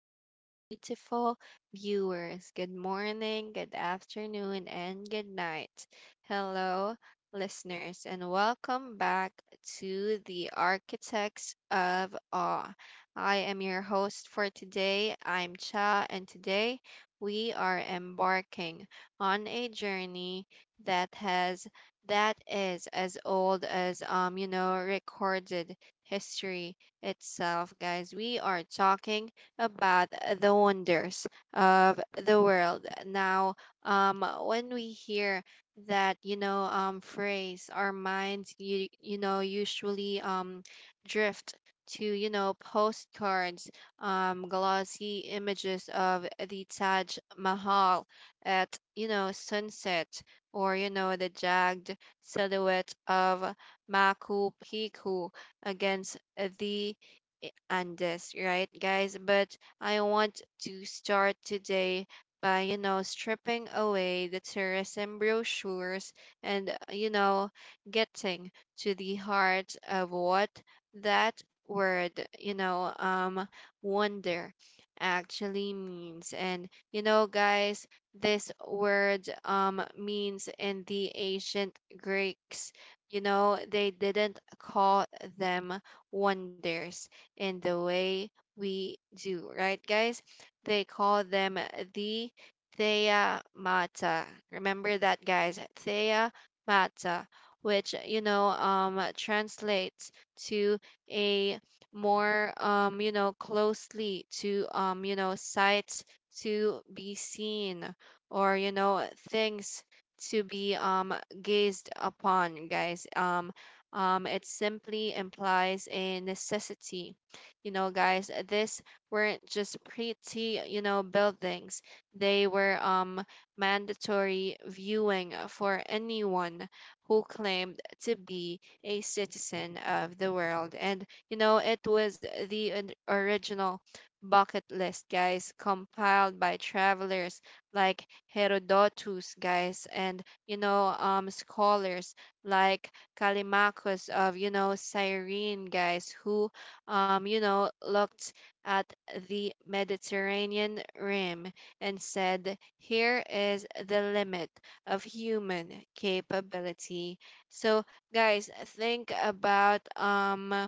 our beautiful viewers. Good morning, good afternoon, and good night. Hello, listeners, and welcome back to the Architects of Awe. I am your host for today. I'm Cha, and today we are embarking on a journey that has that is as old as recorded history itself, guys. We are talking about the wonders of the world. Now, when we hear that phrase, our minds, usually drift to postcards, glossy images of the Taj Mahal at sunset, or the jagged silhouette of Machu Picchu against the on this, right, guys? But I want to start today by, stripping away the tourism brochures and, getting to the heart of what that word, wonder actually means. And, guys, this word means in the ancient Greeks, they didn't call them wonders in the way we do, right, guys? They call them the Thea Mata. Remember that, guys. Thea Mata, which translates to a more closely to sights to be seen, or things to be gazed upon, guys. It simply implies a necessity, guys, this weren't just pretty, buildings. They were mandatory viewing for anyone who claimed to be a citizen of the world. And it was the original bucket list, guys, compiled by travelers like Herodotus, guys, and scholars like Callimachus of Cyrene, guys, who looked at the Mediterranean rim and said, "Here is the limit of human capability." So, guys, think about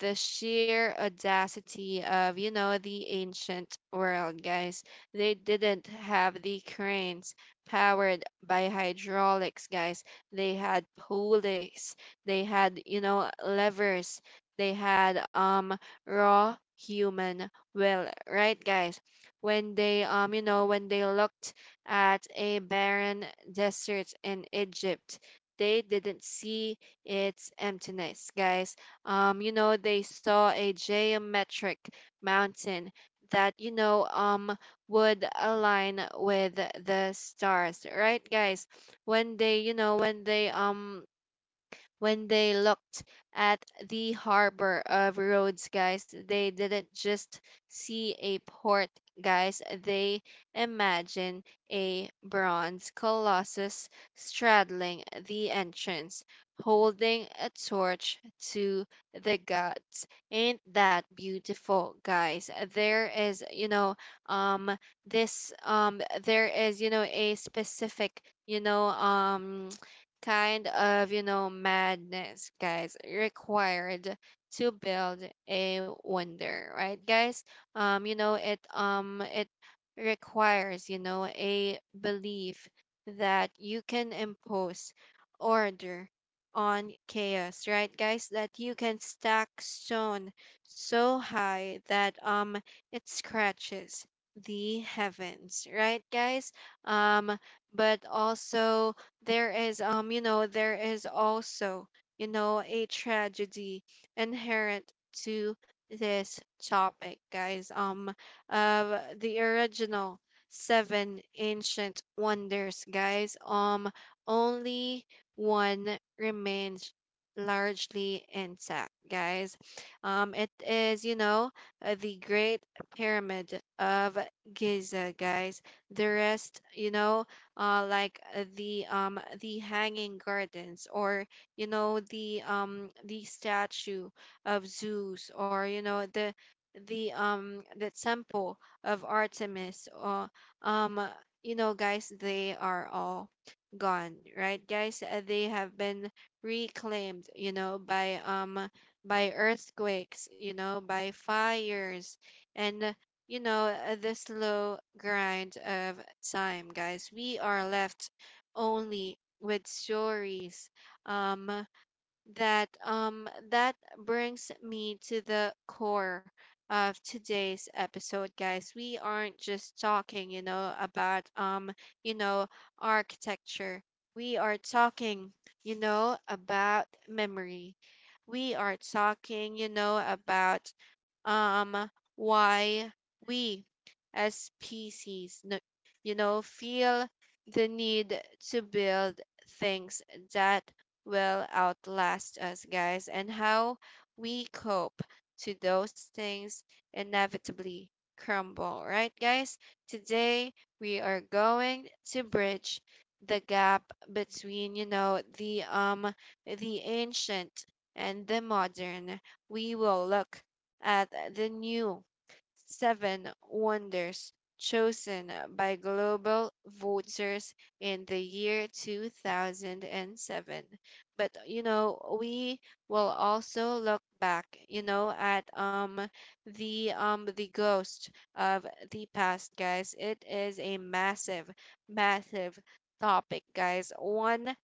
the sheer audacity of, the ancient world, guys. They didn't have the cranes powered by hydraulics, guys. They had pulleys, they had, levers, they had raw human will, right, guys? When they looked at a barren desert in Egypt, they didn't see its emptiness, guys. They saw a geometric mountain that, would align with the stars, right, guys? When they, you know, when they looked at the harbor of Rhodes, guys, they didn't just see a port, guys. They imagined a bronze colossus straddling the entrance, holding a torch to the gods. Ain't that beautiful, guys? Um, there is a specific, you know, um, kind of, madness, guys, required to build a wonder, right, guys? It requires, a belief that you can impose order on chaos, right, guys? That you can stack stone so high that it scratches the heavens, right, guys? Um, but also, there is also a tragedy inherent to this topic, guys. The original seven ancient wonders, guys, only one remains largely intact, guys. It is, the Great Pyramid of Giza, guys. The rest, like, the hanging gardens, or the statue of Zeus, or the temple of Artemis, or um uh, guys, they are all gone, right, guys. They have been reclaimed by earthquakes, by fires, and the slow grind of time, guys. We are left only with stories. Um, that um that brings me to the core of today's episode, guys. We aren't just talking, about you know architecture. We are talking, about memory. We are talking, about um why we as species, feel the need to build things that will outlast us, guys, and how we cope to those things inevitably crumble, right, guys? Today, we are going to bridge the gap between, the ancient and the modern. We will look at the new seven wonders chosen by global voters in the year 2007. But, we will also look back, at the ghost of the past, guys. It is a massive, massive topic, guys. One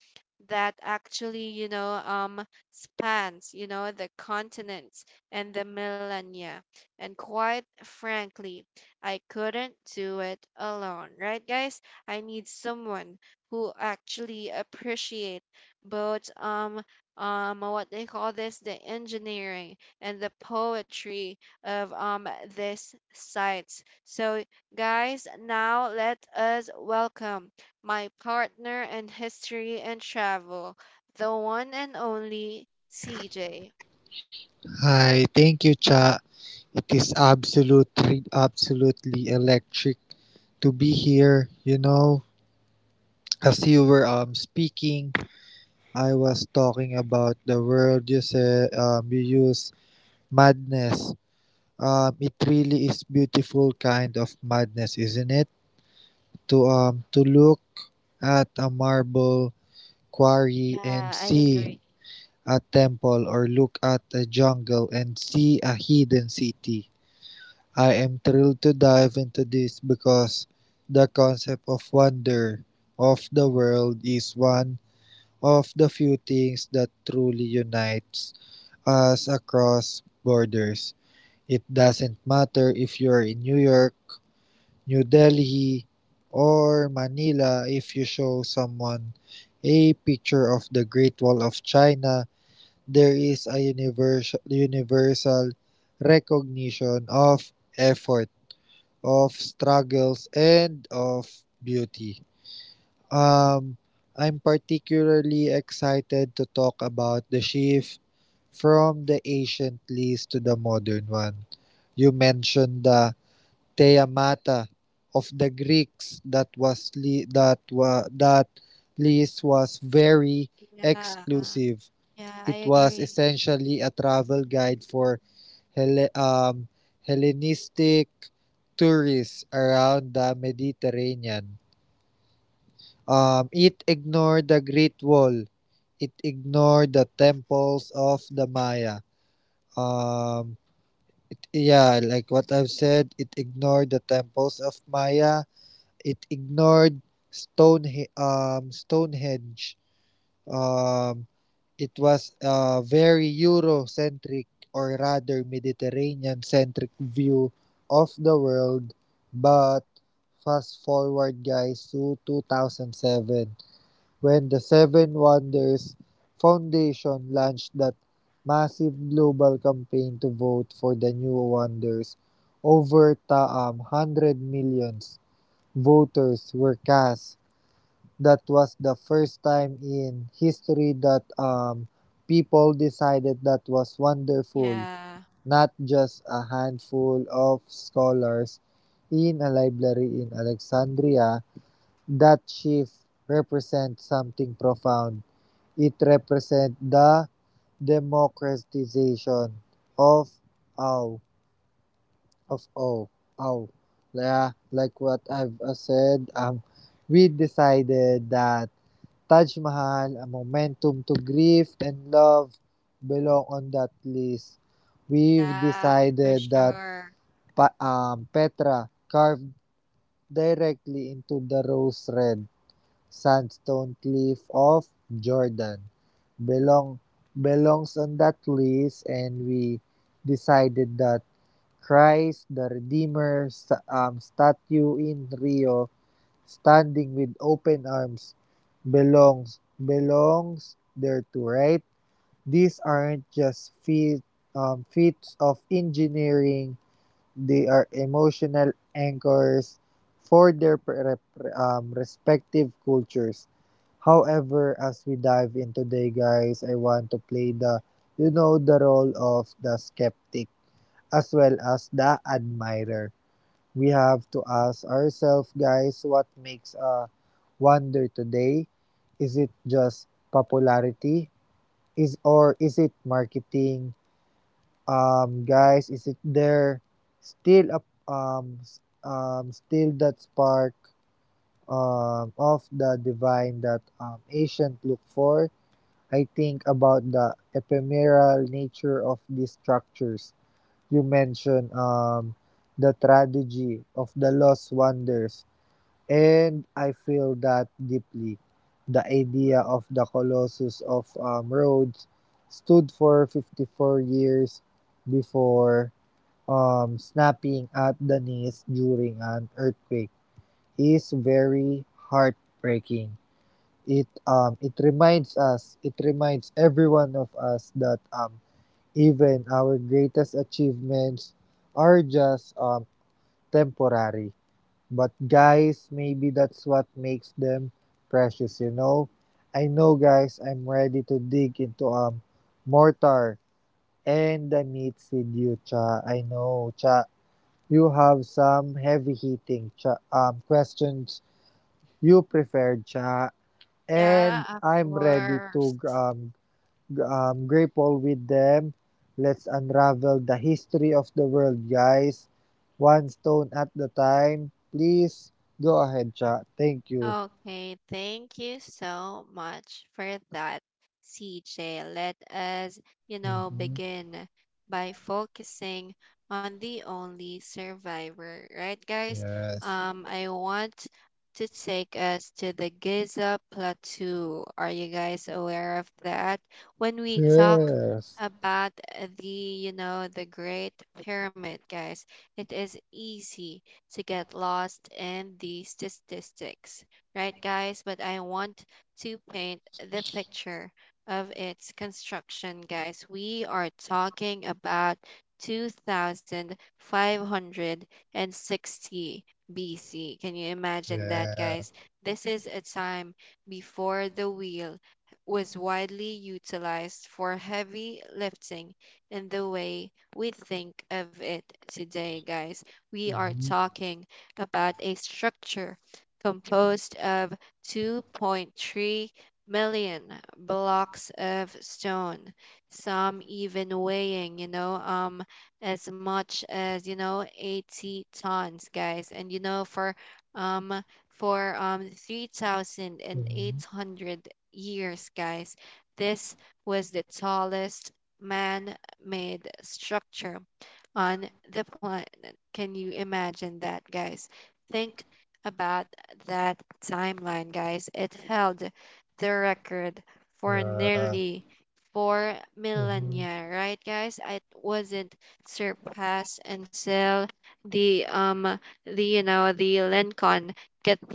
that actually, spans, the continents and the millennia. And quite frankly, I couldn't do it alone, right, guys? I need someone who actually appreciate both what they call this, the engineering and the poetry of this site. So, guys, now let us welcome my partner in history and travel, the one and only CJ. Hi, thank you, Cha. It is absolutely electric to be here. You know, as you were speaking, I was talking about the word you said you use madness. It really is beautiful kind of madness, isn't it? To look at a marble quarry and Yeah, I see agree. a temple, or look at a jungle and see a hidden city. I am thrilled to dive into this because the concept of wonder of the world is one of the few things that truly unites us across borders. It doesn't matter if you're in New York, New Delhi, or Manila; if you show someone a picture of the Great Wall of China, there is a universal recognition of effort, of struggles, and of beauty. Um, I'm particularly excited to talk about the shift from the ancient lease to the modern one. You mentioned the Theamata of the Greeks that was that lease was very Yeah. exclusive. Yeah, I It was agree. essentially a travel guide for Helle- um, Hellenistic tourists around the Mediterranean. It ignored the Great Wall. It ignored the temples of the Maya. Um, it, yeah, like what I've said, it ignored the temples of Maya. It ignored Stonehenge. Um, it was a very Eurocentric, or rather Mediterranean centric, view of the world. But fast forward, guys, to 2007, when the Seven Wonders Foundation launched that massive global campaign to vote for the new wonders. Over taam 100 millions voters were cast. That was the first time in history that people decided that was wonderful, Yeah. not just a handful of scholars in a library in Alexandria. That shift represents something profound. It represents the democratization of ow of oh ow yeah, like what I've said, we decided that Taj Mahal, a momentum to grief and love, belong on that list. We've Yeah, for decided that sure. Petra, carved directly into the rose red sandstone cliff of Jordan, belong belongs on that list, and we decided that Christ the Redeemer statue in Rio, standing with open arms, belongs there to right? These aren't just feats of engineering; they are emotional anchors for their respective cultures. However, as we dive in today, guys, I want to play the you know the role of the skeptic as well as the admirer. We have to ask ourselves, guys, what makes a wonder today? Is it just popularity? Is or is it marketing? Guys, is it there still a still that spark of the divine that ancient look for? I think about the ephemeral nature of these structures. You mentioned the tragedy of the lost wonders, and I feel that deeply. The idea of the Colossus of Rhodes stood for 54 years before snapping at the knees during an earthquake is very heartbreaking. It reminds us, it reminds every one of us that even our greatest achievements are just temporary. But guys, maybe that's what makes them precious, you know? I know, guys, I'm ready to dig into mortar and the meats with you, Cha. I know, Cha. You have some heavy hitting, Cha, questions you preferred, Cha. Yeah, And of I'm ready to course. Grateful with them. Let's unravel the history of the world, guys. One stone at the time. Please go ahead, chat. Thank you. Okay, thank you so much for that, CJ. Let us, Hmm. begin by focusing on the only survivor, right, guys? Yes. I want to take us to the Giza Plateau. Are you guys aware of that? When we talk Yes. about the, the Great Pyramid, guys, it is easy to get lost in the statistics, right, guys? But I want to paint the picture of its construction, guys. We are talking about 2560 BC. Can you imagine that, Yes. guys? This is a time before the wheel was widely utilized for heavy lifting in the way we think of it today, guys. We are Mm-hmm. talking about a structure composed of 2.3 million blocks of stone, some even weighing, as much as, 80 tons, guys. And, for, um, 3,800 years, guys, this was the tallest man made structure on the planet. Can you imagine that, guys? Think about that timeline, guys. It held the record for Yeah. nearly four Hmm. Hmm. millennia, right, guys? It wasn't surpassed until the um the you know the Lincoln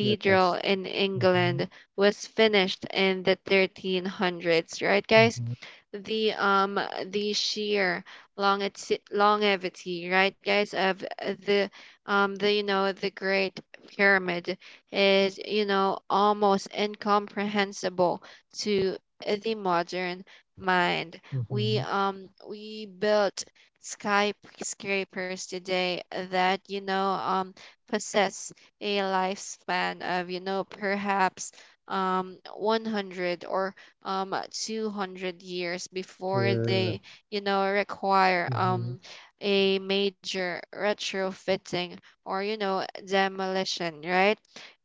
Yeah. Hmm. Yes. in Hmm. England was finished in the 1300s, right, guys? Hmm. the um the sheer longevity, right, guys, of the Great Pyramid is almost incomprehensible to the modern mind. We Hmm. um we built skyscrapers today that possess a lifespan of perhaps 100 or 200 years before Yeah. they require Hmm. A major retrofitting or demolition, right.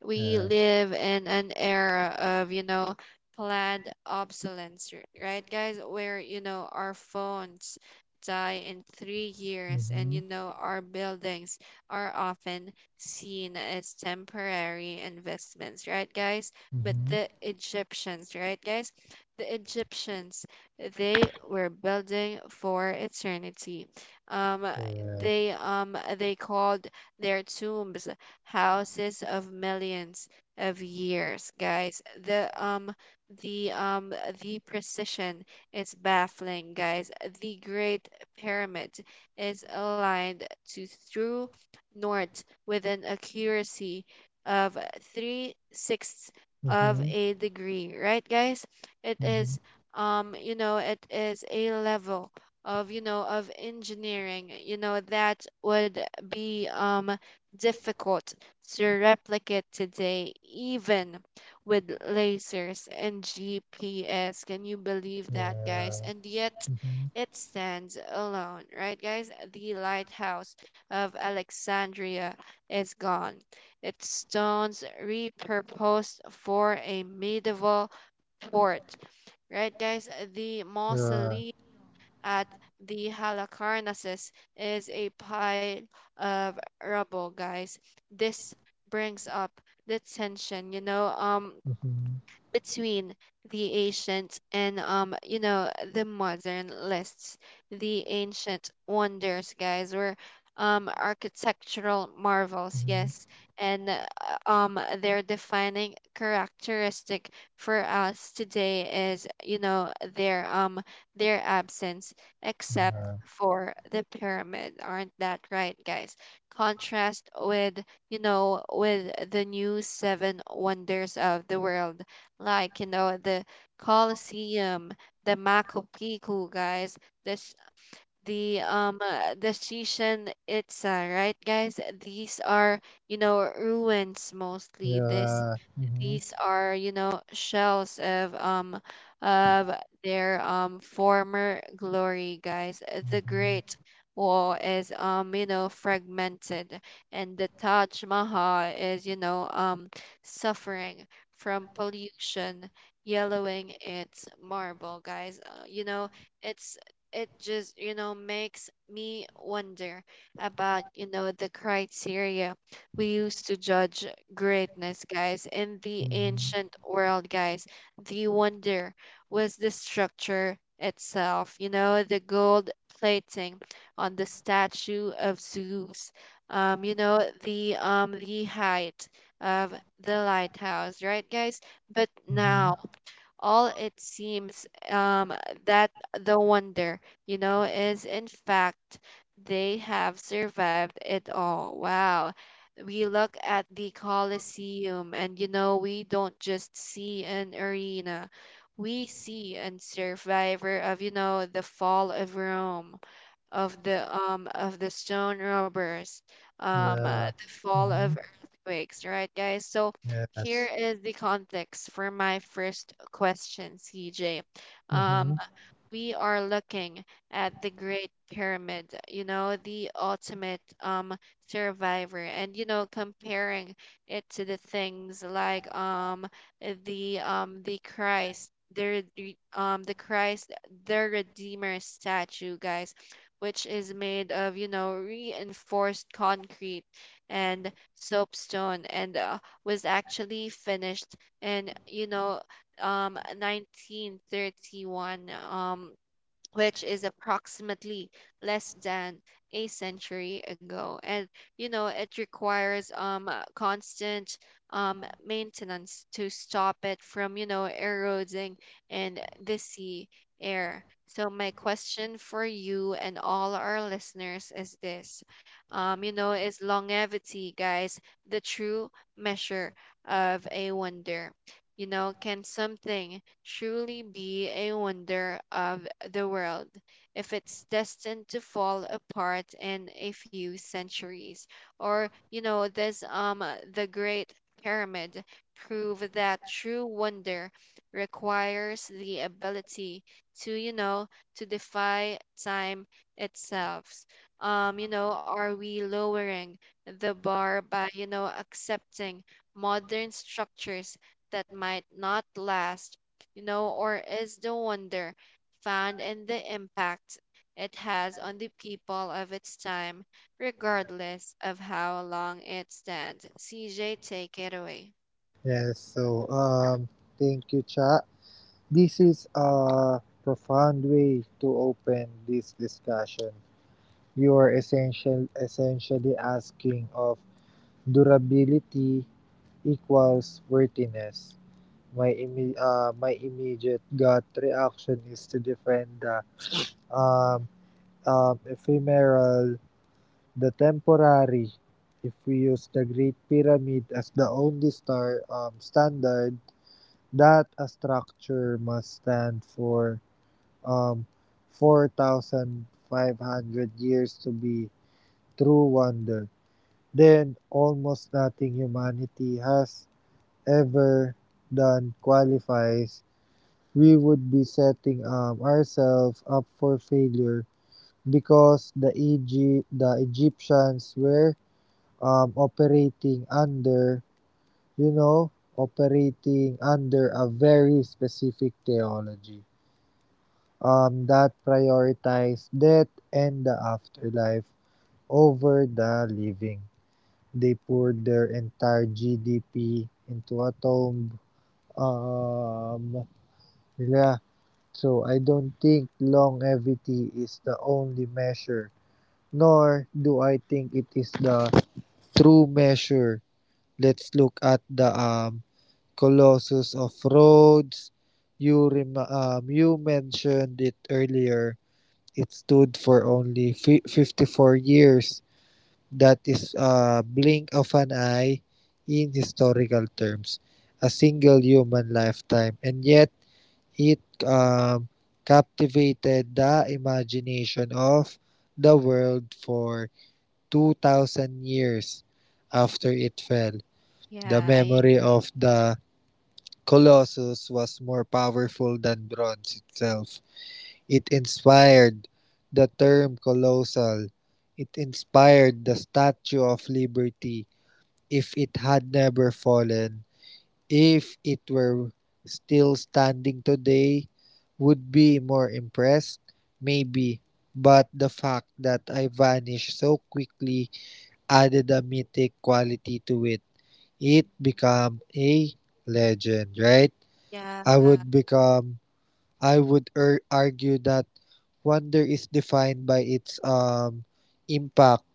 We Yes. live in an era of planned obsolescence, right, guys, where our phones die in 3 years, and Hmm. Our buildings are often seen as temporary investments, right, guys. But Hmm. The Egyptians, they were building for eternity. Um, they Yes. um, they called their tombs houses of millions of years, guys. The um the precision is baffling, guys. The Great Pyramid is aligned to true north with an accuracy of three-sixths of Hmm. a degree, right, guys? it Hmm. is it is a level of engineering, that would be difficult to replicate today, even with lasers and GPS. Can you believe that, guys? Yeah. And yet, Hmm. it stands alone, right, guys. The lighthouse of Alexandria is gone, its stones repurposed for a medieval fort, right, guys. The Yeah. mausoleum at the Halicarnassus is a pile of rubble, guys. This brings up the tension Mhm. between the ancient and the modern lists. The ancient wonders, guys, were architectural marvels, Mhm. yes, and their defining characteristic for us today is, their absence, except Yeah. for the pyramid, aren't that right, guys? Contrast with the new seven wonders of the world, like the Colosseum, the Machu Picchu, guys. This the Chichen Itza, right, guys? These are ruins Mm-hmm. mostly. This Yeah. Mhm. these are, you know, shells of their former glory, guys. The Great Wall is fragmented, and the Taj Mahal is, suffering from pollution yellowing its marble, guys. It's it just, makes me wonder about, the criteria we used to judge greatness, guys. In the Mhm. ancient world, guys, the wonder was the structure itself, the gold plating on the statue of Zeus, the height of the lighthouse, right, guys. But now Mhm. all it seems that the wonder, is in fact they have survived it all. Wow. We look at the Colosseum, and we don't just see an arena, we see a survivor of, the fall of Rome, of the stone robbers, the Yeah. fall of Mhm. earthquakes, right, guys? So here Yes. is the context for my first question, CJ. Um, Mhm. we are looking at the Great Pyramid, you know, the ultimate survivor, and you know, comparing it to the things like the the Christ, the Redeemer statue, guys, which is made of you know reinforced concrete and soapstone, and was actually finished in you know 1931 , which is approximately less than a century ago, and you know it requires constant maintenance to stop it from you know eroding in the sea air. So my question for you and all our listeners is this: you know, is longevity, guys, the true measure of a wonder? You know, can something truly be a wonder of the world if it's destined to fall apart in a few centuries? Or you know, this the great pyramid prove that true wonder requires the ability to to defy time itself? You know, are we lowering the bar by you know accepting modern structures that might not last, you know, or is the wonder found in the impact it has on the people of its time, regardless of how long it stands? CJ, take it away. Yes. So, thank you, Cha. This is a profound way to open this discussion. You are essentially asking of durability equals worthiness. My my immediate gut reaction is to defend the uh, ephemeral, the temporary. If we use the Great Pyramid as the only star standard, that a structure must stand for um, 4,500 years to be true wonder. Then almost nothing humanity has ever done qualifies. We would be setting ourselves up for failure, because the the Egyptians were operating under, you know, operating under a very specific theology that prioritized death and the afterlife over the living. They poured their entire GDP into a tomb. Um, yeah. So I don't think longevity is the only measure, nor do I think it is the true measure. Let's look at the Colossus of Rhodes. You you mentioned it earlier. It stood for only 54 years. That is a blink of an eye in historical terms, a single human lifetime. And yet, it um, captivated the imagination of the world for 2,000 years after it fell. The Yeah, I memory agree. of the Colossus was more powerful than bronze itself. It inspired the term colossal. It inspired the Statue of Liberty. If it had never fallen, if it were still standing today, would be more impressed? Maybe. But the fact that I vanished so quickly added a mythic quality to it become a legend, right? I Yeah. would become I would argue that wonder is defined by its impact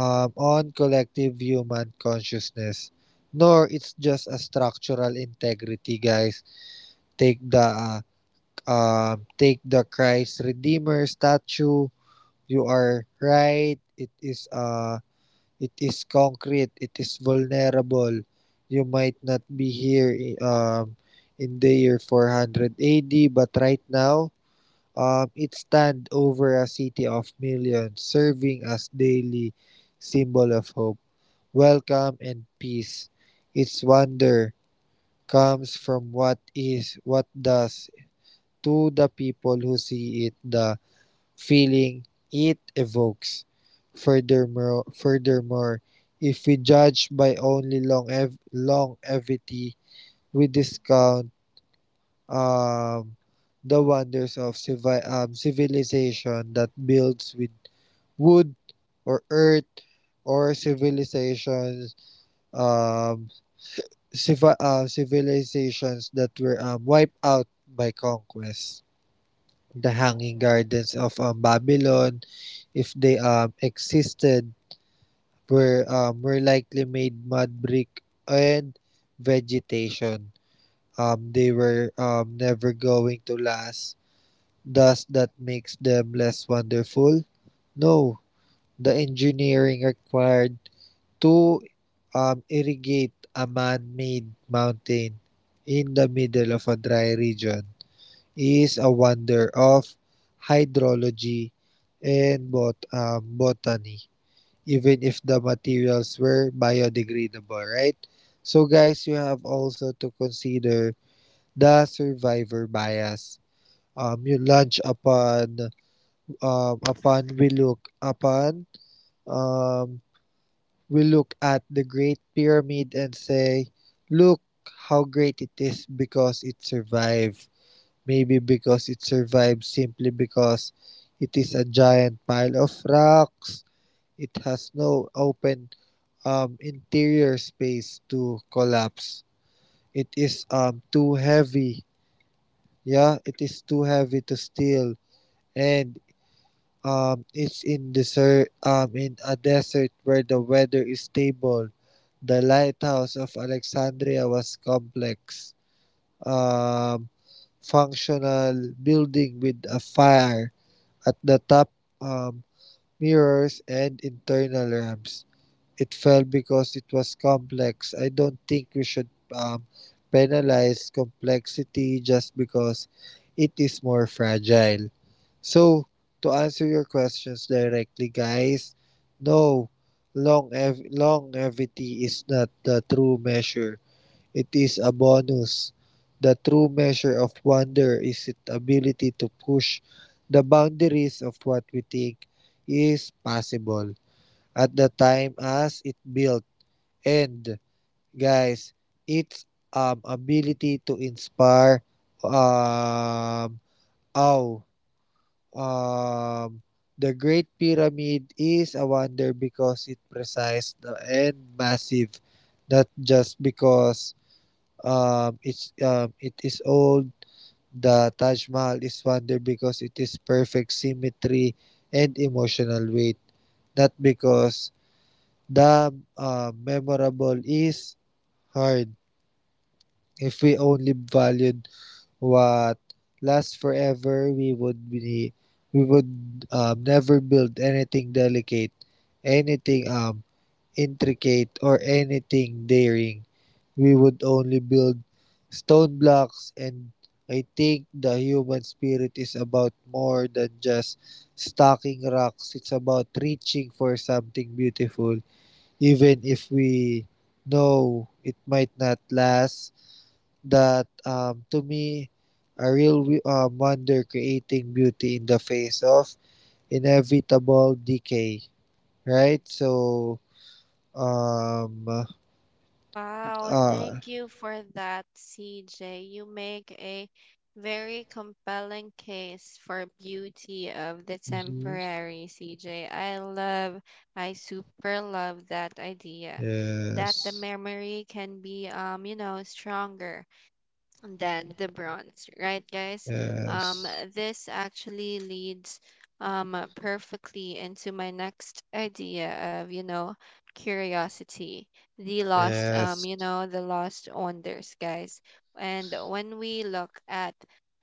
on collective human consciousness. Nor it's just a structural integrity, guys. Take the uh, Take the Christ Redeemer statue. You are right. It is concrete. It is vulnerable. You might not be here in the year 400 AD, but right now, it stands over a city of millions, serving as daily symbol of hope, welcome, and peace. Its wonder comes from what is, what does, to the people who see it, the feeling it evokes. Furthermore, if we judge by only longevity, we discount um, the wonders of civilization that builds with wood or earth, or civilizations um, civilizations that were wiped out by conquest. The Hanging Gardens of Babylon, if they existed, were likely made mud brick and vegetation. They were never going to last. Does that makes them less wonderful? No. The engineering required to irrigate a man-made mountain in the middle of a dry region is a wonder of hydrology and botany, even if the materials were biodegradable, right? So, guys, you have also to consider the survivor bias. You launch upon upon um, we look at the Great Pyramid and say, look how great it is because it survived. Maybe because it survives simply because it is a giant pile of rocks. It has no open interior space to collapse. It is too heavy. Yeah, it is too heavy to steal, and it's in desert. In a desert where the weather is stable. The lighthouse of Alexandria was complex, um, functional building with a fire at the top, um, mirrors and internal ramps. It fell because it was complex. I don't think we should um, penalize complexity just because it is more fragile. So, to answer your questions directly, guys, no, longevity is not the true measure. It is a bonus. The true measure of wonder is its ability to push the boundaries of what we think is possible at the time as it built. And guys, its ability to inspire um oh um the Great Pyramid is a wonder because it precise and massive, not just because it is old. The Taj Mahal is wondered because it is perfect symmetry and emotional weight, not because the memorable is hard. If we only valued what lasts forever, we would never build anything delicate, anything intricate, or anything daring. We would only build stone blocks, and I think the human spirit is about more than just stacking rocks. It's about reaching for something beautiful, even if we know it might not last. That, to me, a real wonder creating beauty in the face of inevitable decay. Right? So, um, Wow, uh, thank you for that, CJ. You make a very compelling case for beauty of the mhm. temporary, CJ. I super love that idea that the Yes. memory can be you know, stronger than the bronze, right, guys? Um, Yes. this actually leads perfectly into my next idea of, you know, curiosity, Yes. The lost wonders, guys. And when we look at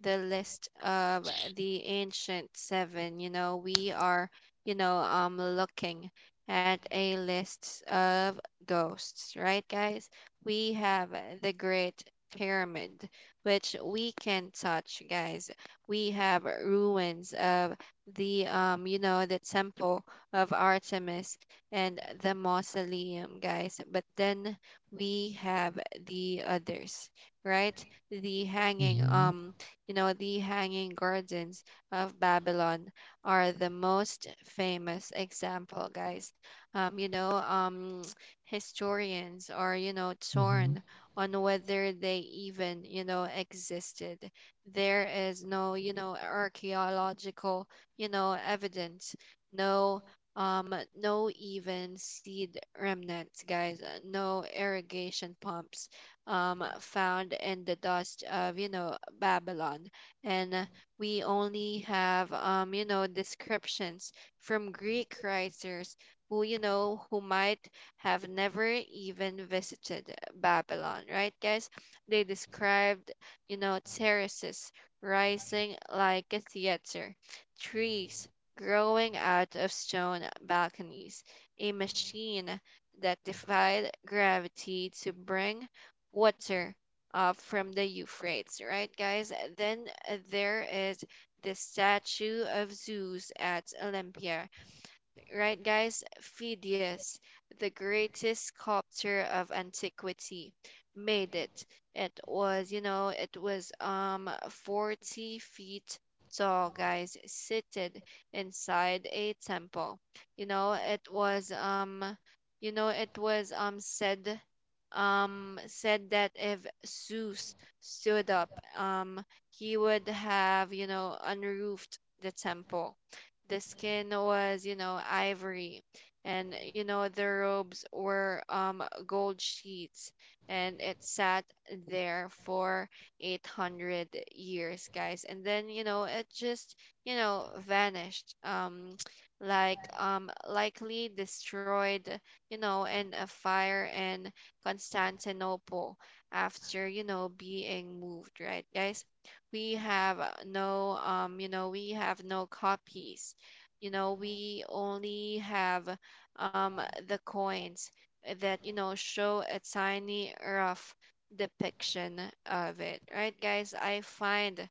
the list of the ancient seven, you know, we are, you know, looking at a list of ghosts, right, guys? We have the Great Pyramid, which we can touch, guys. We have ruins of the you know, the temple of Artemis and the mausoleum, guys. But then we have the others, right? The hanging Mm-hmm. You know, the hanging gardens of Babylon are the most famous example, guys. Um, you know, um, historians are you know torn Mm-hmm. on whether they even, you know, existed. There is no, you know, archaeological, you know, evidence, no no even seed remnants, guys, no irrigation pumps found in the dust of you know Babylon, and we only have you know, descriptions from Greek writers who who might have never even visited Babylon, right, guys? They described, you know, terraces rising like a theater, trees growing out of stone balconies, a machine that defied gravity to bring water up from the Euphrates, right, guys? Then there is the statue of Zeus at Olympia, right, guys? Phidias, the greatest sculptor of antiquity, made it. It was 40 feet tall, guys, seated inside a temple. You know, it was you know, it was said said that if Zeus stood up, um, he would have, you know, unroofed the temple. The skin was, you know, ivory, and you know the robes were gold sheets, and it sat there for 800 years, guys. And then, you know, it just, you know, vanished. Likely destroyed, you know, in a fire in Constantinople after, you know, being moved, right, guys? We have no you know, we have no copies. You know, we only have um the coins that you know show a tiny rough depiction of it, right, guys? I find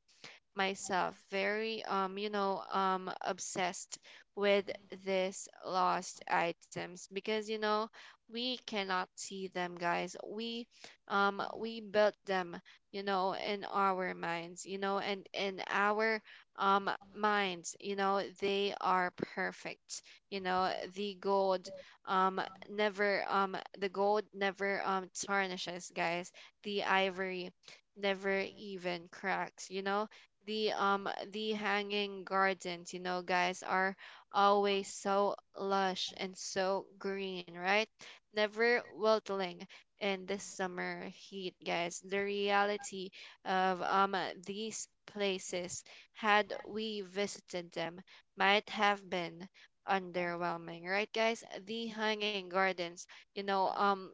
myself very you know, obsessed with these lost items because you know we cannot see them, guys. We built them, you know, in our minds, you know, and in our minds, you know, they are perfect. You know, the gold never the gold never tarnishes, guys. The ivory never even cracks. You know, the hanging gardens, you know, guys, are always so lush and so green, right, never wilting in this summer heat, guys. The reality of these places, had we visited them, might have been underwhelming, right, guys? The hanging gardens, you know,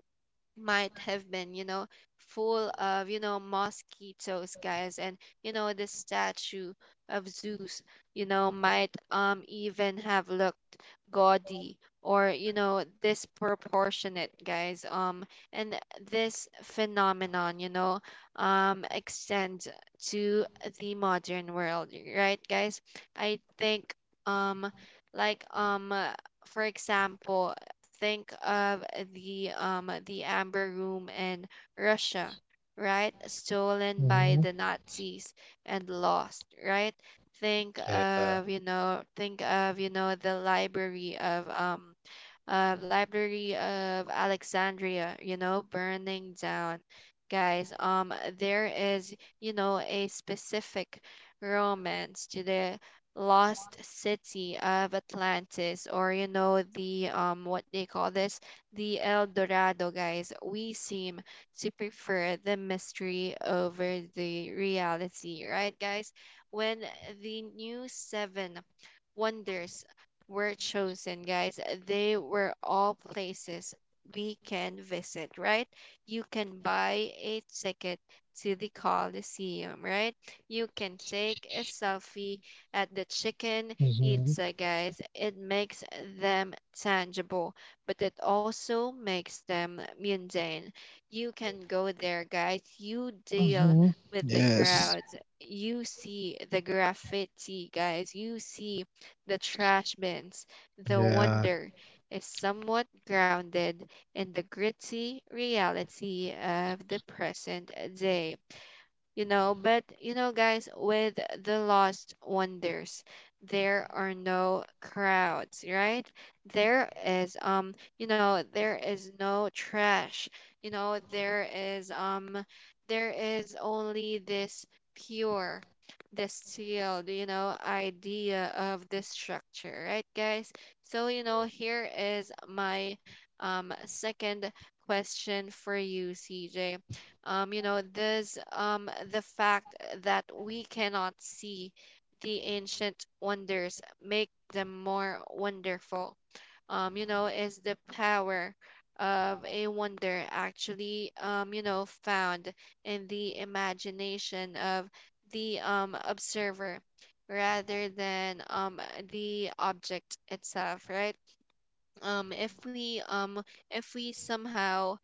might have been, you know, full of, you know, mosquitoes, guys, and you know, the statue of Zeus, you know, might even have looked gaudy or, you know, disproportionate, guys. And this phenomenon, you know, extends to the modern world, right, guys? I think, um, like, um, uh, for example, think of the amber room in Russia, right? Stolen by Mm-hmm. the Nazis and lost, right? Yeah. Think of, you know, the library of Library of Alexandria, you know, burning down. Guys, there is, you know, a specific romance to the lost city of Atlantis, or you know, the what they call this, the El Dorado, guys. We seem to prefer the mystery over the reality, right, guys? When the new seven wonders were chosen, guys, they were all places we can visit, right? You can buy a ticket to the Coliseum, right? You can take a selfie at the chicken Mm-hmm. pizza, guys. It makes them tangible, but it also makes them mundane. You can go there, guys. You deal Mm-hmm. with the Yes. crowds. You see the graffiti, guys. You see the trash bins. The Yeah. wonder is somewhat grounded in the gritty reality of the present day. You know, but you know, guys, with the lost wonders, there are no crowds, right? There is you know, there is no trash. You know, there is only this pure, this sealed, you know, idea of this structure, right, guys? So you know, here is my second question for you, CJ. You know, there's the fact that we cannot see the ancient wonders make them more wonderful. You know, is the power of a wonder actually, you know, found in the imagination of the observer rather than the object itself, right? Um, if we um, if we somehow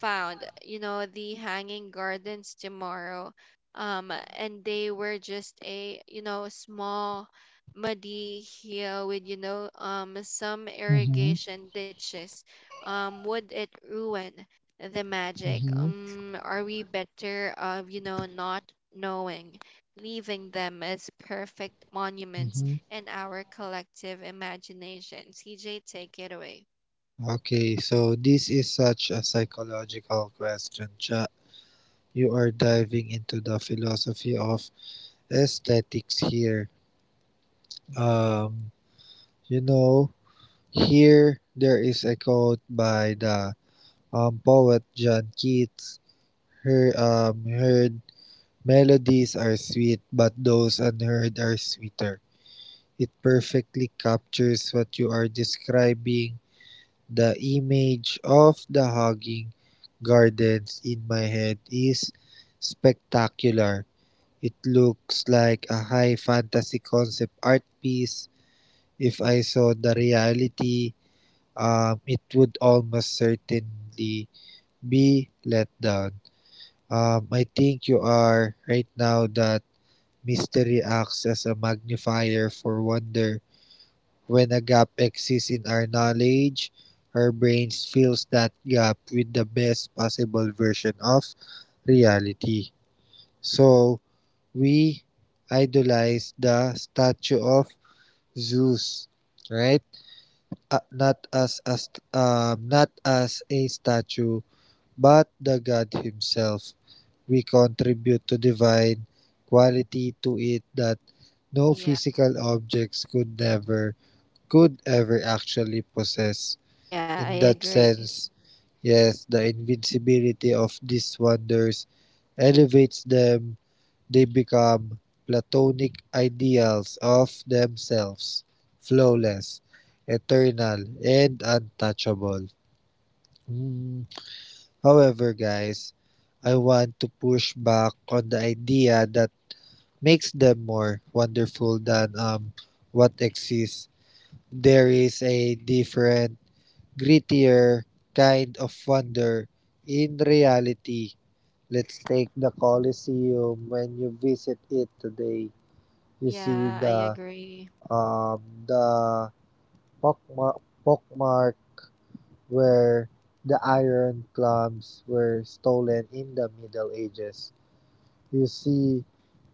found, you know, the Hanging Gardens tomorrow. And they were just a, you know, small muddy hill with, you know, some Mm-hmm. irrigation ditches. Would it ruin the magic? Mm-hmm. Are we better of, you know, not knowing, leaving them as perfect monuments Mm-hmm. in our collective imagination? CJ, take it away. Okay, so this is such a psychological question, Cha. You are diving into the philosophy of aesthetics here. Um, you know, Here there is a quote by the poet John Keats. Her Heard melodies are sweet, but those unheard are sweeter. It perfectly captures what you are describing. The image of the hugging gardens in my head is spectacular. It looks like a high fantasy concept art piece. If I saw the reality, it would almost certainly be let down. I think you are right now that mystery acts as a magnifier for wonder; when a gap exists in our knowledge, our brains fills that gap with the best possible version of reality. So, we idolize the statue of Zeus, right? Not not as a statue, but the god himself. We contribute to divine quality to it that no Yeah. physical objects could never could ever actually possess. Yeah, I In that agree. sense, yes, the invincibility of these wonders elevates them. They become platonic ideals of themselves, flawless, eternal, and untouchable. Mm, However, guys, I want to push back on the idea that makes them more wonderful than what exists. There is a different, grittier kind of wonder in reality. Let's take the Colosseum when you visit it today. You see Yeah, I the agree. um the pockmark, pockmark where the iron clubs were stolen in the Middle Ages. You see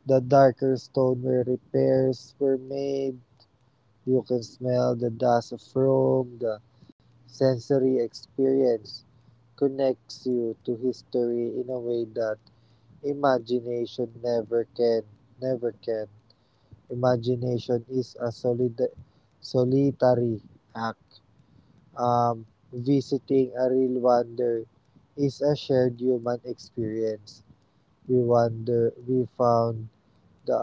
the darker stone where repairs were made. You can smell the dust from the sensory experience connects you to history in a way that imagination never can. Never can. Imagination is a solid, solitary act. Um, Visiting a real wonder is a shared human experience. We wonder. We found the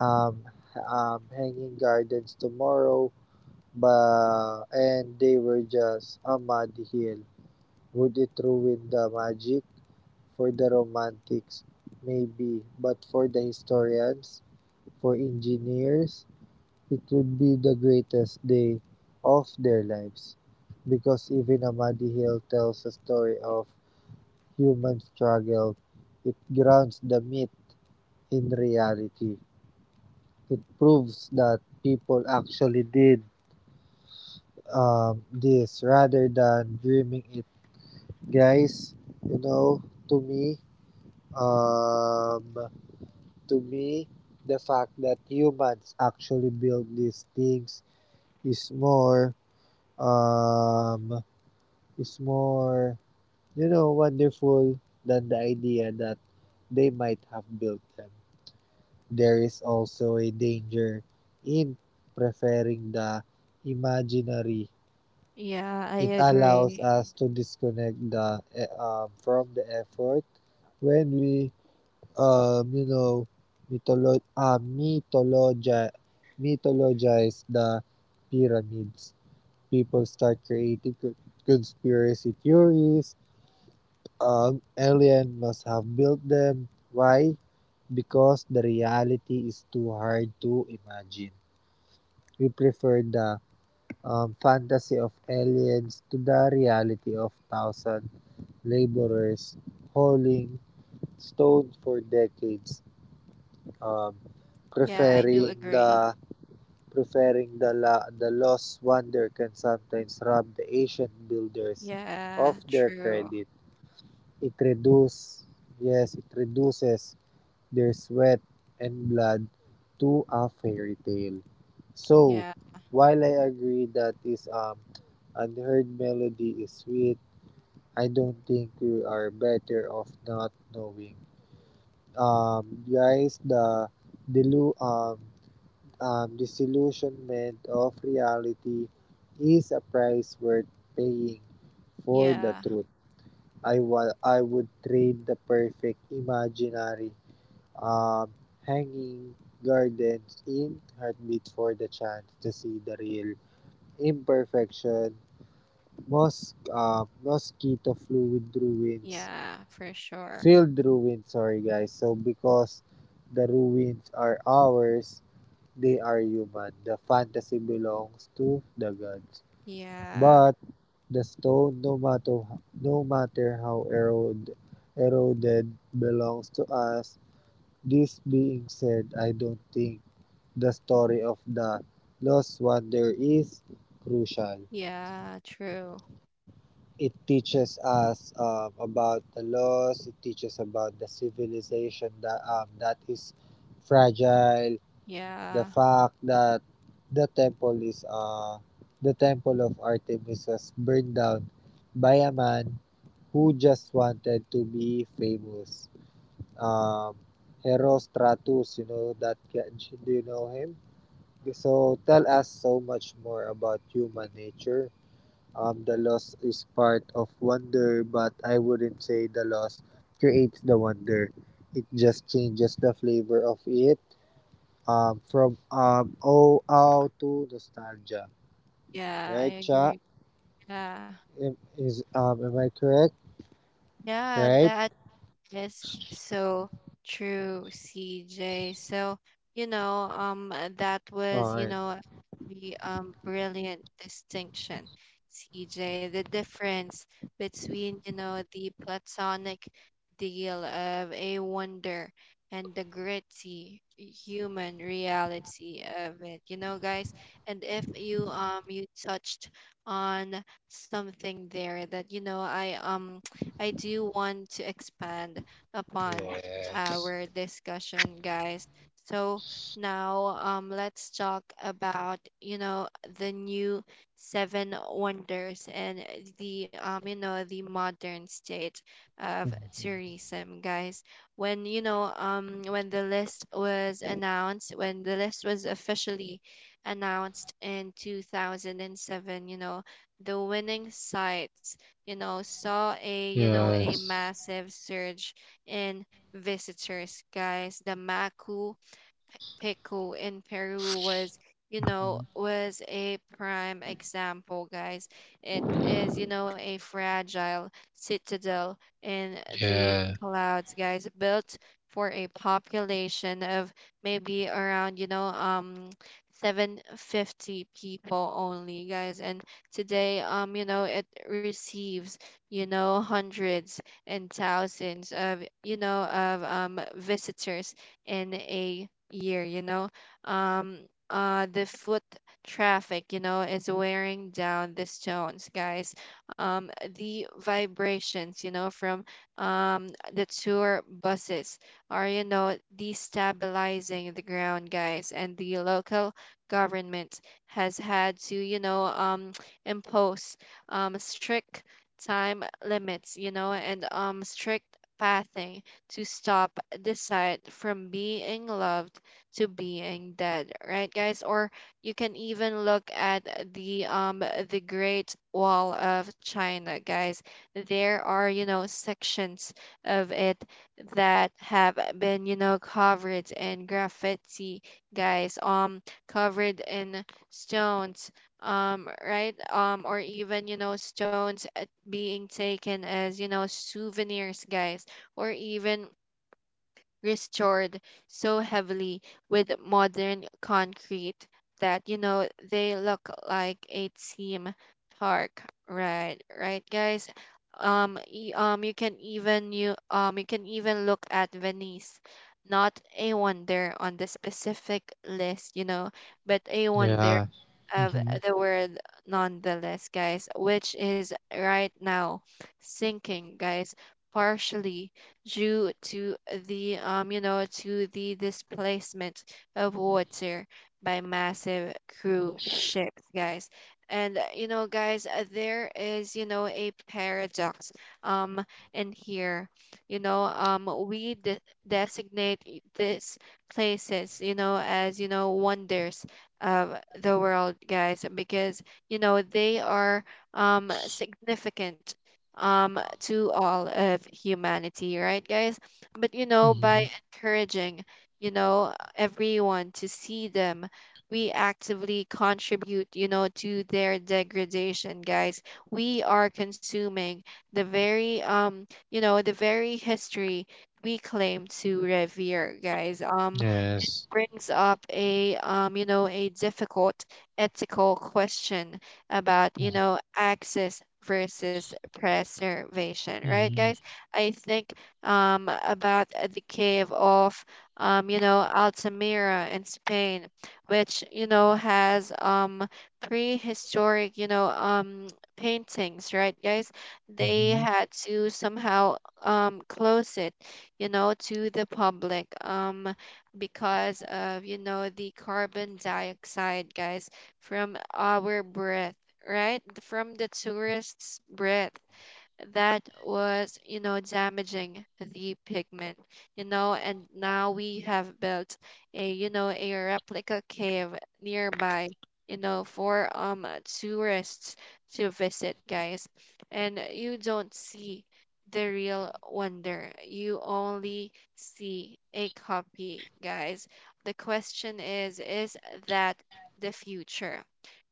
uh, um, hanging gardens tomorrow. But and they were just a mud hill. Would it ruin the magic? For the romantics, maybe, but for the historians, for engineers, it would be the greatest day of their lives. Because even a muddy hill tells a story of human struggle. It grounds the myth in reality. It proves that people actually did this rather than dreaming it. Guys, you know, to me, um, to me, the fact that humans actually build these things is um, is more, you know, wonderful than the idea that they might have built them. There is also a danger in preferring the imaginary. Yeah, I It allows agree. us to disconnect from the effort when we you know, mytholo- uh, mythologi- mythologize the pyramids. People start creating conspiracy theories. Alien must have built them. Why? Because the reality is too hard to imagine. We prefer the fantasy of aliens to the reality of thousand laborers hauling stone for decades. um, Yeah, I do preferring the agree. Preferring the lost wonder can sometimes rob the ancient builders Yeah, of their true. credit. It reduces yes, it reduces their sweat and blood to a fairy tale. So, Yeah, while I agree that this unheard melody is sweet, I don't think we are better off not knowing. Guys, the delu disillusionment of reality is a price worth paying for the yeah, truth. I would trade the perfect imaginary um, hanging gardens in heartbeat for the chance to see the real imperfection, mosquito fluid ruins, yeah, for sure. filled ruins, sorry guys. So because the ruins are ours. They are human. The fantasy belongs to the gods. Yeah, But the stone, no matter how eroded, belongs to us. This being said, I don't think the story of the lost wonder is crucial. yeah, true. It teaches us about the loss. It teaches about the civilization that that is fragile. The Yeah, fact that the temple is uh the temple of Artemis was burned down by a man who just wanted to be famous. Um, Herostratus, you know that, do you know him? So tell us so much more about human nature. The loss is part of wonder, but I wouldn't say the loss creates the wonder. It just changes the flavor of it from O out to nostalgia, yeah, I right, Cha? agree. Yeah, Am- Is am I correct? yeah, Right? that Yes, so true, CJ. So, you know, that was, All you right. know, the brilliant distinction, CJ. The difference between, you know, the platonic deal of a wonder and the gritty human reality of it, you know, guys. And if you you touched on something there that, you know, I do want to expand upon Yeah. our discussion, guys. So now let's talk about you know the new seven wonders and the you know, the modern state of tourism, guys. When you know when the list was announced, when the list was officially announced in 2007, you know the winning sites you know saw a you know a Yes. massive surge and visitors, guys. The Maku Pico in Peru was, you know, Mm. was a prime example, guys. It is, you know, a fragile citadel in the Yeah. clouds, guys, built for a population of maybe around, you know, 750 people only, guys. And today, you know, it receives, you know, hundreds and thousands of, you know, of visitors in a year, you know. Um, the foot traffic, you know, is wearing down the stones, guys. Um, the vibrations, you know, from the tour buses are, you know, destabilizing the ground, guys. And the local government has had to, you know, impose strict time limits, you know, and strict pathing to stop the site from being loved to being dead, right, guys? Or you can even look at the Great Wall of China, guys. There are you know sections of it that have been you know covered in graffiti, guys. Covered in stones, right or even you know stones, being taken as you know souvenirs, guys, or even restored so heavily with modern concrete that you know they look like it seem dark, right, right, guys. You can even you can even look at Venice, not a wonder on the specific list, you know, but a wonder Yeah. of Mhm. the word nonetheless, guys, which is right now sinking, guys, partially due to the you know, to the displacement of water by massive cruise ships, guys. And you know, guys, there is you know a paradox um in here. You know, designate these places, you know, as you know wonders of the world, guys, because you know they are significant to all of humanity, right, guys? But you know, Mhm. by encouraging, you know, everyone to see them, we actively contribute, you know, to their degradation, guys. We are consuming the very, the very history we claim to revere, guys. Yes. Brings up a a difficult ethical question about access versus preservation, right, guys? Mhm. I think about the cave of Altamira in Spain, which has prehistoric paintings, right, guys? They Mhm. had to somehow close it to the public, because of the carbon dioxide, guys, from our breath, right, from the tourists breath that was, damaging the pigment, and now we have built a, a replica cave nearby, for tourists to visit, guys. And you don't see the real wonder. You only see a copy, guys. The question is that the future,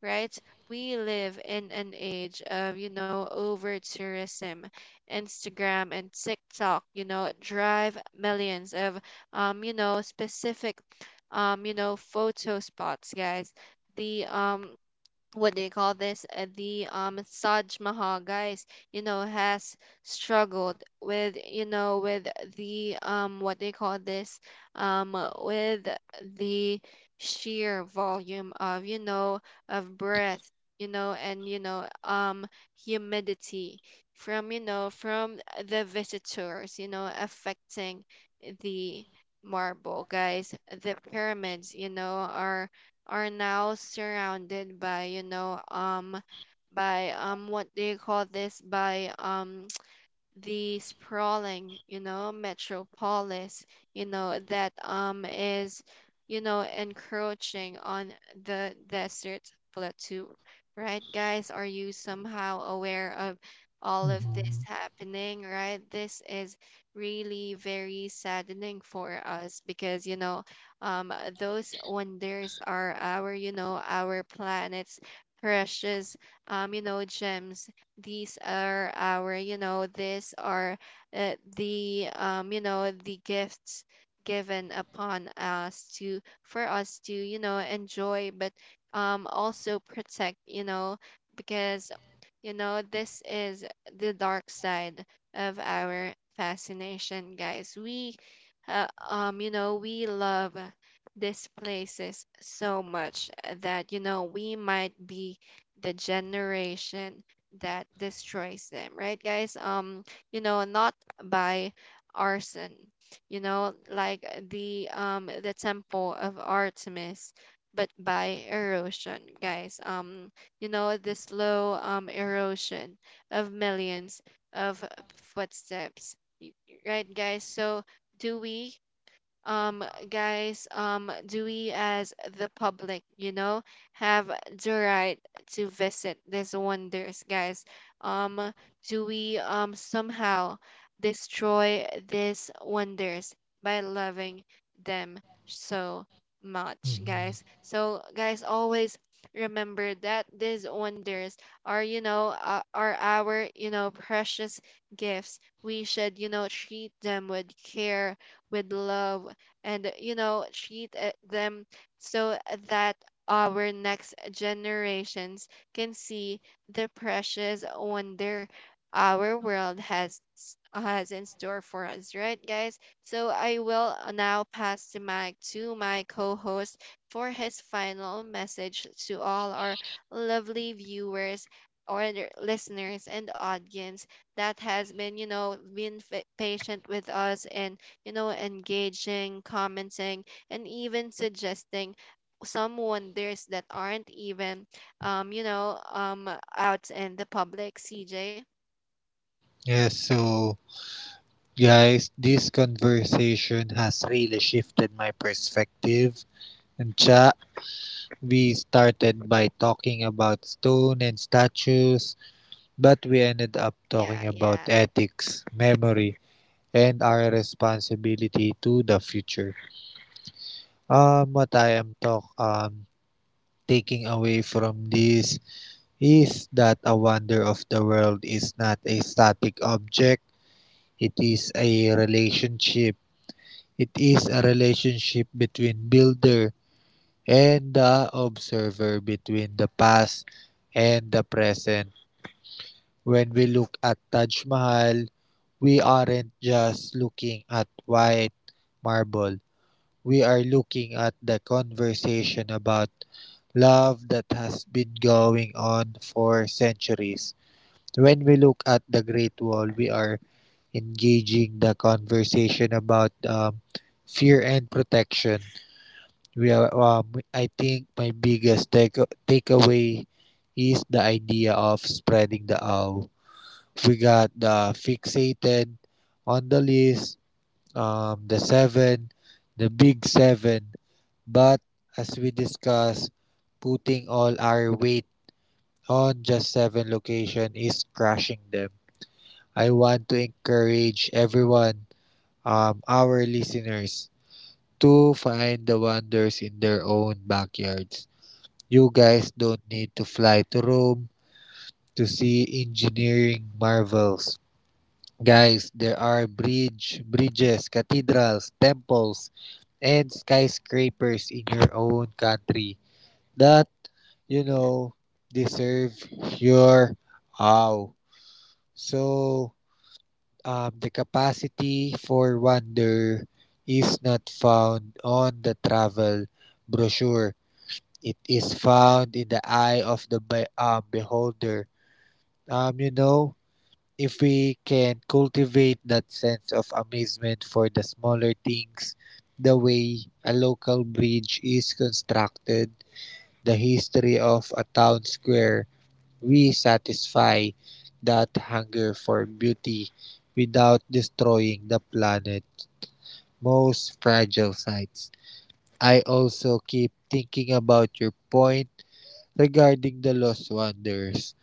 right? We live in an age of, over tourism. Instagram and TikTok, drive millions of, specific, photo spots, guys. The what do you call this the Saj Mahal, guys, has struggled with you know with the what do you call this um with the sheer volume of, of breath, and humidity from, from the visitors, affecting the marble, guys. The pyramids, are now surrounded by, you know by what do you call this by the sprawling, metropolis, that is, encroaching on the desert plateau. Right, guys? Are you somehow aware of all of this Mhm. happening, right? This is really very saddening for us because, um those wonders are our, our planet's precious, gems. These are our, these are, the you know the gifts given upon us to for us to, enjoy, but also protect, because this is the dark side of our fascination, guys. We uh, um you know we love these places so much that, we might be the generation that destroys them, right, guys? Not by arson, like the temple of Artemis, but by erosion, guys. The slow erosion of millions of footsteps, y- right, guys? So do we? um guys, do we as the public, have the right to visit these wonders, guys? um do we somehow destroy these wonders by loving them so much, Mhm. guys? So guys, always remember that these wonders are, are our, precious gifts. We should, treat them with care, with love, and, treat them so that our next generations can see the precious wonder our world has has in store for us, right, guys? So I will now pass the mic to my co-host for his final message to all our lovely viewers or the listeners and audience that has been, been patient with us and, engaging, commenting, and even suggesting some wonders that aren't even, um, you know, um, out in the public. CJ. Yes. So, guys, this conversation has really shifted my perspective. And Cha, we started by talking about stone and statues. But we ended up Yeah, talking about yeah, ethics, memory, and our responsibility to the future. What I am talk taking away from this is that a wonder of the world is not a static object. It is a relationship. It is a relationship between builder and the observer, between the past and the present. When we look at Taj Mahal, we aren't just looking at white marble. We are looking at the conversation about love that has been going on for centuries. When we look at the Great Wall, we are engaging the conversation about fear and protection. We are, I think my biggest takeaway is the idea of spreading the owl. We got the fixated on the list, the seven, the big seven. But as we discussed, putting all our weight on just seven location is crushing them. I want to encourage everyone, our listeners, to find the wonders in their own backyards. You guys don't need to fly to Rome to see engineering marvels. Guys, there are bridges, cathedrals, temples, and skyscrapers in your own country that you know deserve your awe. So, the capacity for wonder is not found on the travel brochure. It is found in the eye of the beholder. You know, if we can cultivate that sense of amazement for the smaller things, the way a local bridge is constructed, the history of a town square, we satisfy that hunger for beauty without destroying the planet's most fragile sites. I also keep thinking about your point regarding the lost wonders.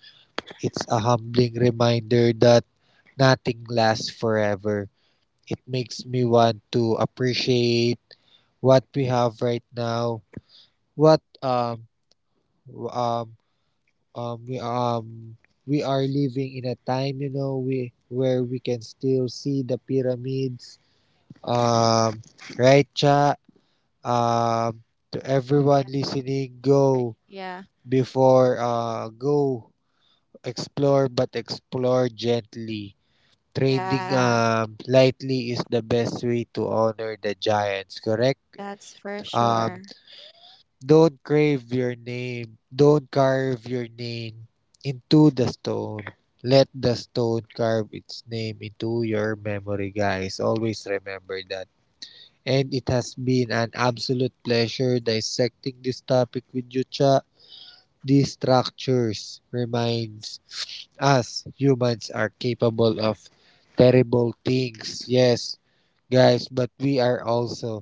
It's a humbling reminder that nothing lasts forever. It makes me want to appreciate what we have right now, what w- um we um we are living in a time, you know, we where we can still see the pyramids. Um, right, cha. Um, to everyone yeah, listening, right. Yeah, go explore, but explore gently. Trading yeah. Lightly is the best way to honor the giants. Correct? That's for Um, sure. Don't crave your name. Don't carve your name into the stone. Let the stone carve its name into your memory, guys. Always remember that. And it has been an absolute pleasure dissecting this topic with you, Cha. These structures reminds us humans are capable of terrible things. Yes, guys, but we are also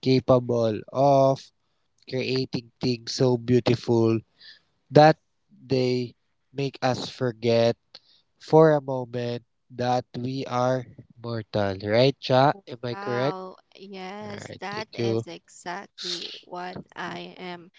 capable of creating things so beautiful that they make us forget for a moment that we are mortal. Right, Cha? Am I correct? Wow, yes, Alright, that thank you. is exactly what I am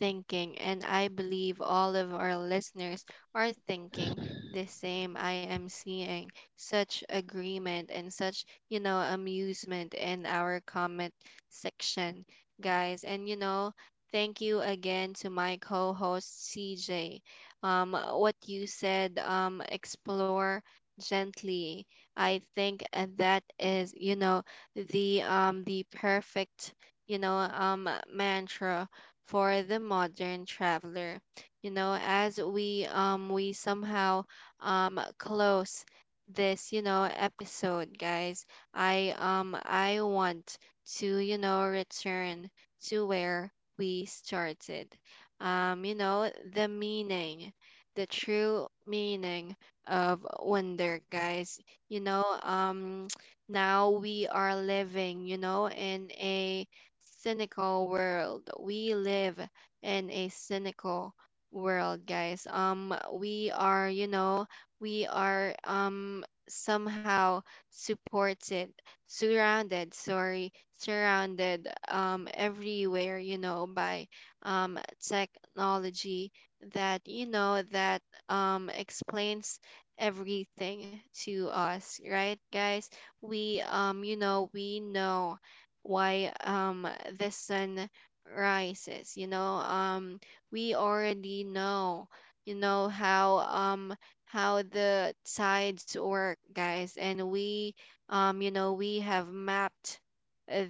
thinking, and I believe all of our listeners are thinking the same. I am seeing such agreement and such, amusement in our comment section, guys. And thank you again to my co-host CJ. What you said, explore gently, I think that is, the perfect, mantra for the modern traveler. You know, as we somehow close this, episode, guys, I want to, return to where we started. The meaning, the true meaning of wonder, guys. you know um now we are living you know in a cynical world we live in a cynical world, guys. We are somehow supported surrounded, sorry, surrounded everywhere, by technology that you know that explains everything to us, right, guys? We know why the sun rises. We already know, you know how um how the tides work, guys, and we you know we have mapped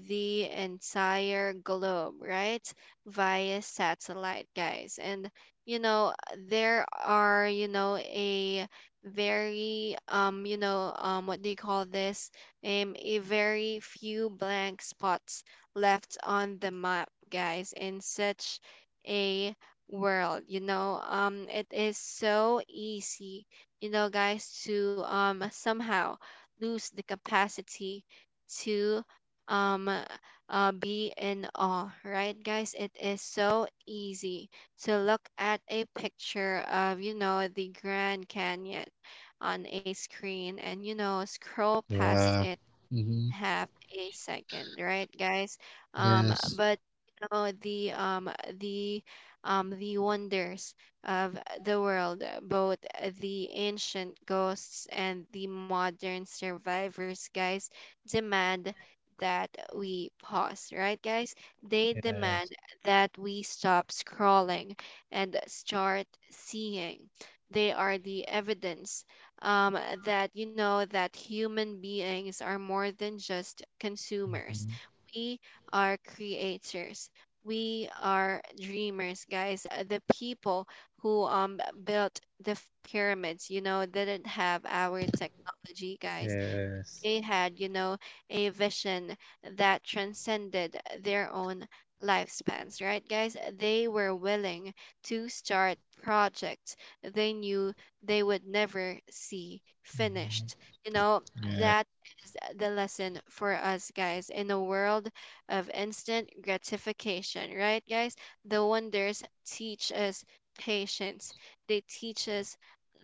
the entire globe, right, via satellite, guys, and, you know there are, a very, um, you know what do you call this a very few blank spots left on the map, guys. In such a world, it is so easy, guys, to somehow lose the capacity to um be in awe, right, guys? It is so easy to look at a picture of, the Grand Canyon on a screen and, scroll past Yeah. it Mm-hmm. half a second, right, guys? Yes. But, you know the um the the wonders of the world, both the ancient ghosts and the modern survivors, guys, demand that we pause, right, guys? They Yes. demand that we stop scrolling and start seeing. They are the evidence, that you know that human beings are more than just consumers. Mm-hmm. We are creators. We are dreamers, guys. The people who built the pyramids, didn't have our technology, guys. Yes. They had, a vision that transcended their own lifespans, right, guys? They were willing to start projects they knew they would never see finished. You know, Yeah. that is the lesson for us, guys, in a world of instant gratification, right, guys? The wonders teach us patience, they teach us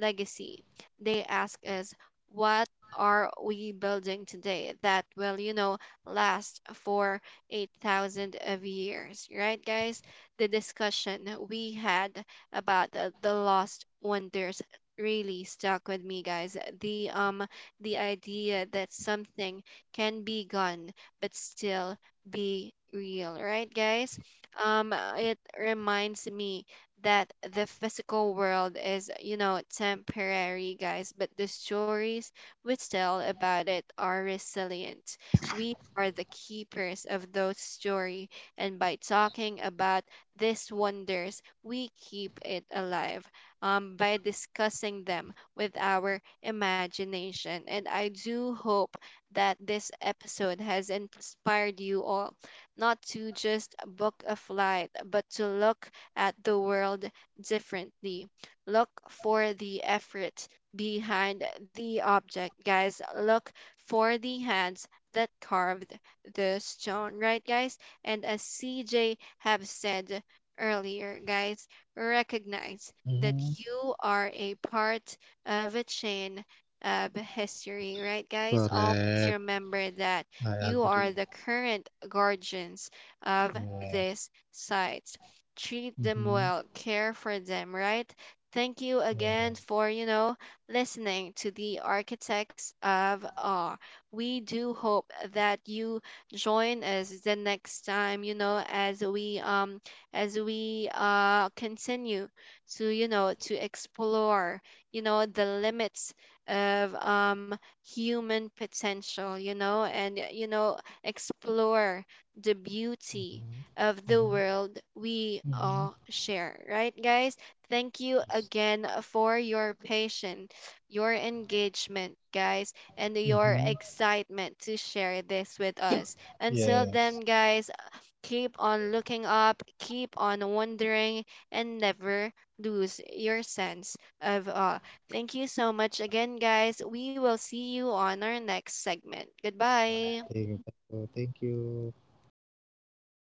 legacy, they ask us, why are we building today that will, last for 8,000 of years, right, guys? The discussion we had about the lost wonders really stuck with me, guys. The idea that something can be gone but still be real, right, guys? It reminds me that the physical world is, temporary, guys, but the stories which tell about it are resilient. We are the keepers of those stories, and by talking about these wonders, we keep it alive, by discussing them with our imagination. And I do hope that this episode has inspired you all not to just book a flight, but to look at the world differently. Look for the effort behind the object, guys. Look for the hands that carved the stone, right, guys? And as CJ have said earlier, guys, recognize that Mm-hmm. you are a part of a chain of history, right, guys? Always Correct. remember that I you agree. are the current guardians of Yes. these sites. Treat them Mm-hmm. well, care for them, right? Thank you again Yes. for, listening to the architects of awe. We do hope that you join us the next time, as we continue to, to explore, the limits of human potential, explore the beauty Mm-hmm. of the Mm-hmm. world we Mm-hmm. all share, right guys? Thank you Yes. again for your patience, your engagement, guys, and your Mm-hmm. excitement to share this with us. Until Yes. then, guys, keep on looking up, keep on wondering, and never lose your sense of awe. Thank you so much again, guys. We will see you on our next segment. Goodbye. Thank you. Thank you. Thank you.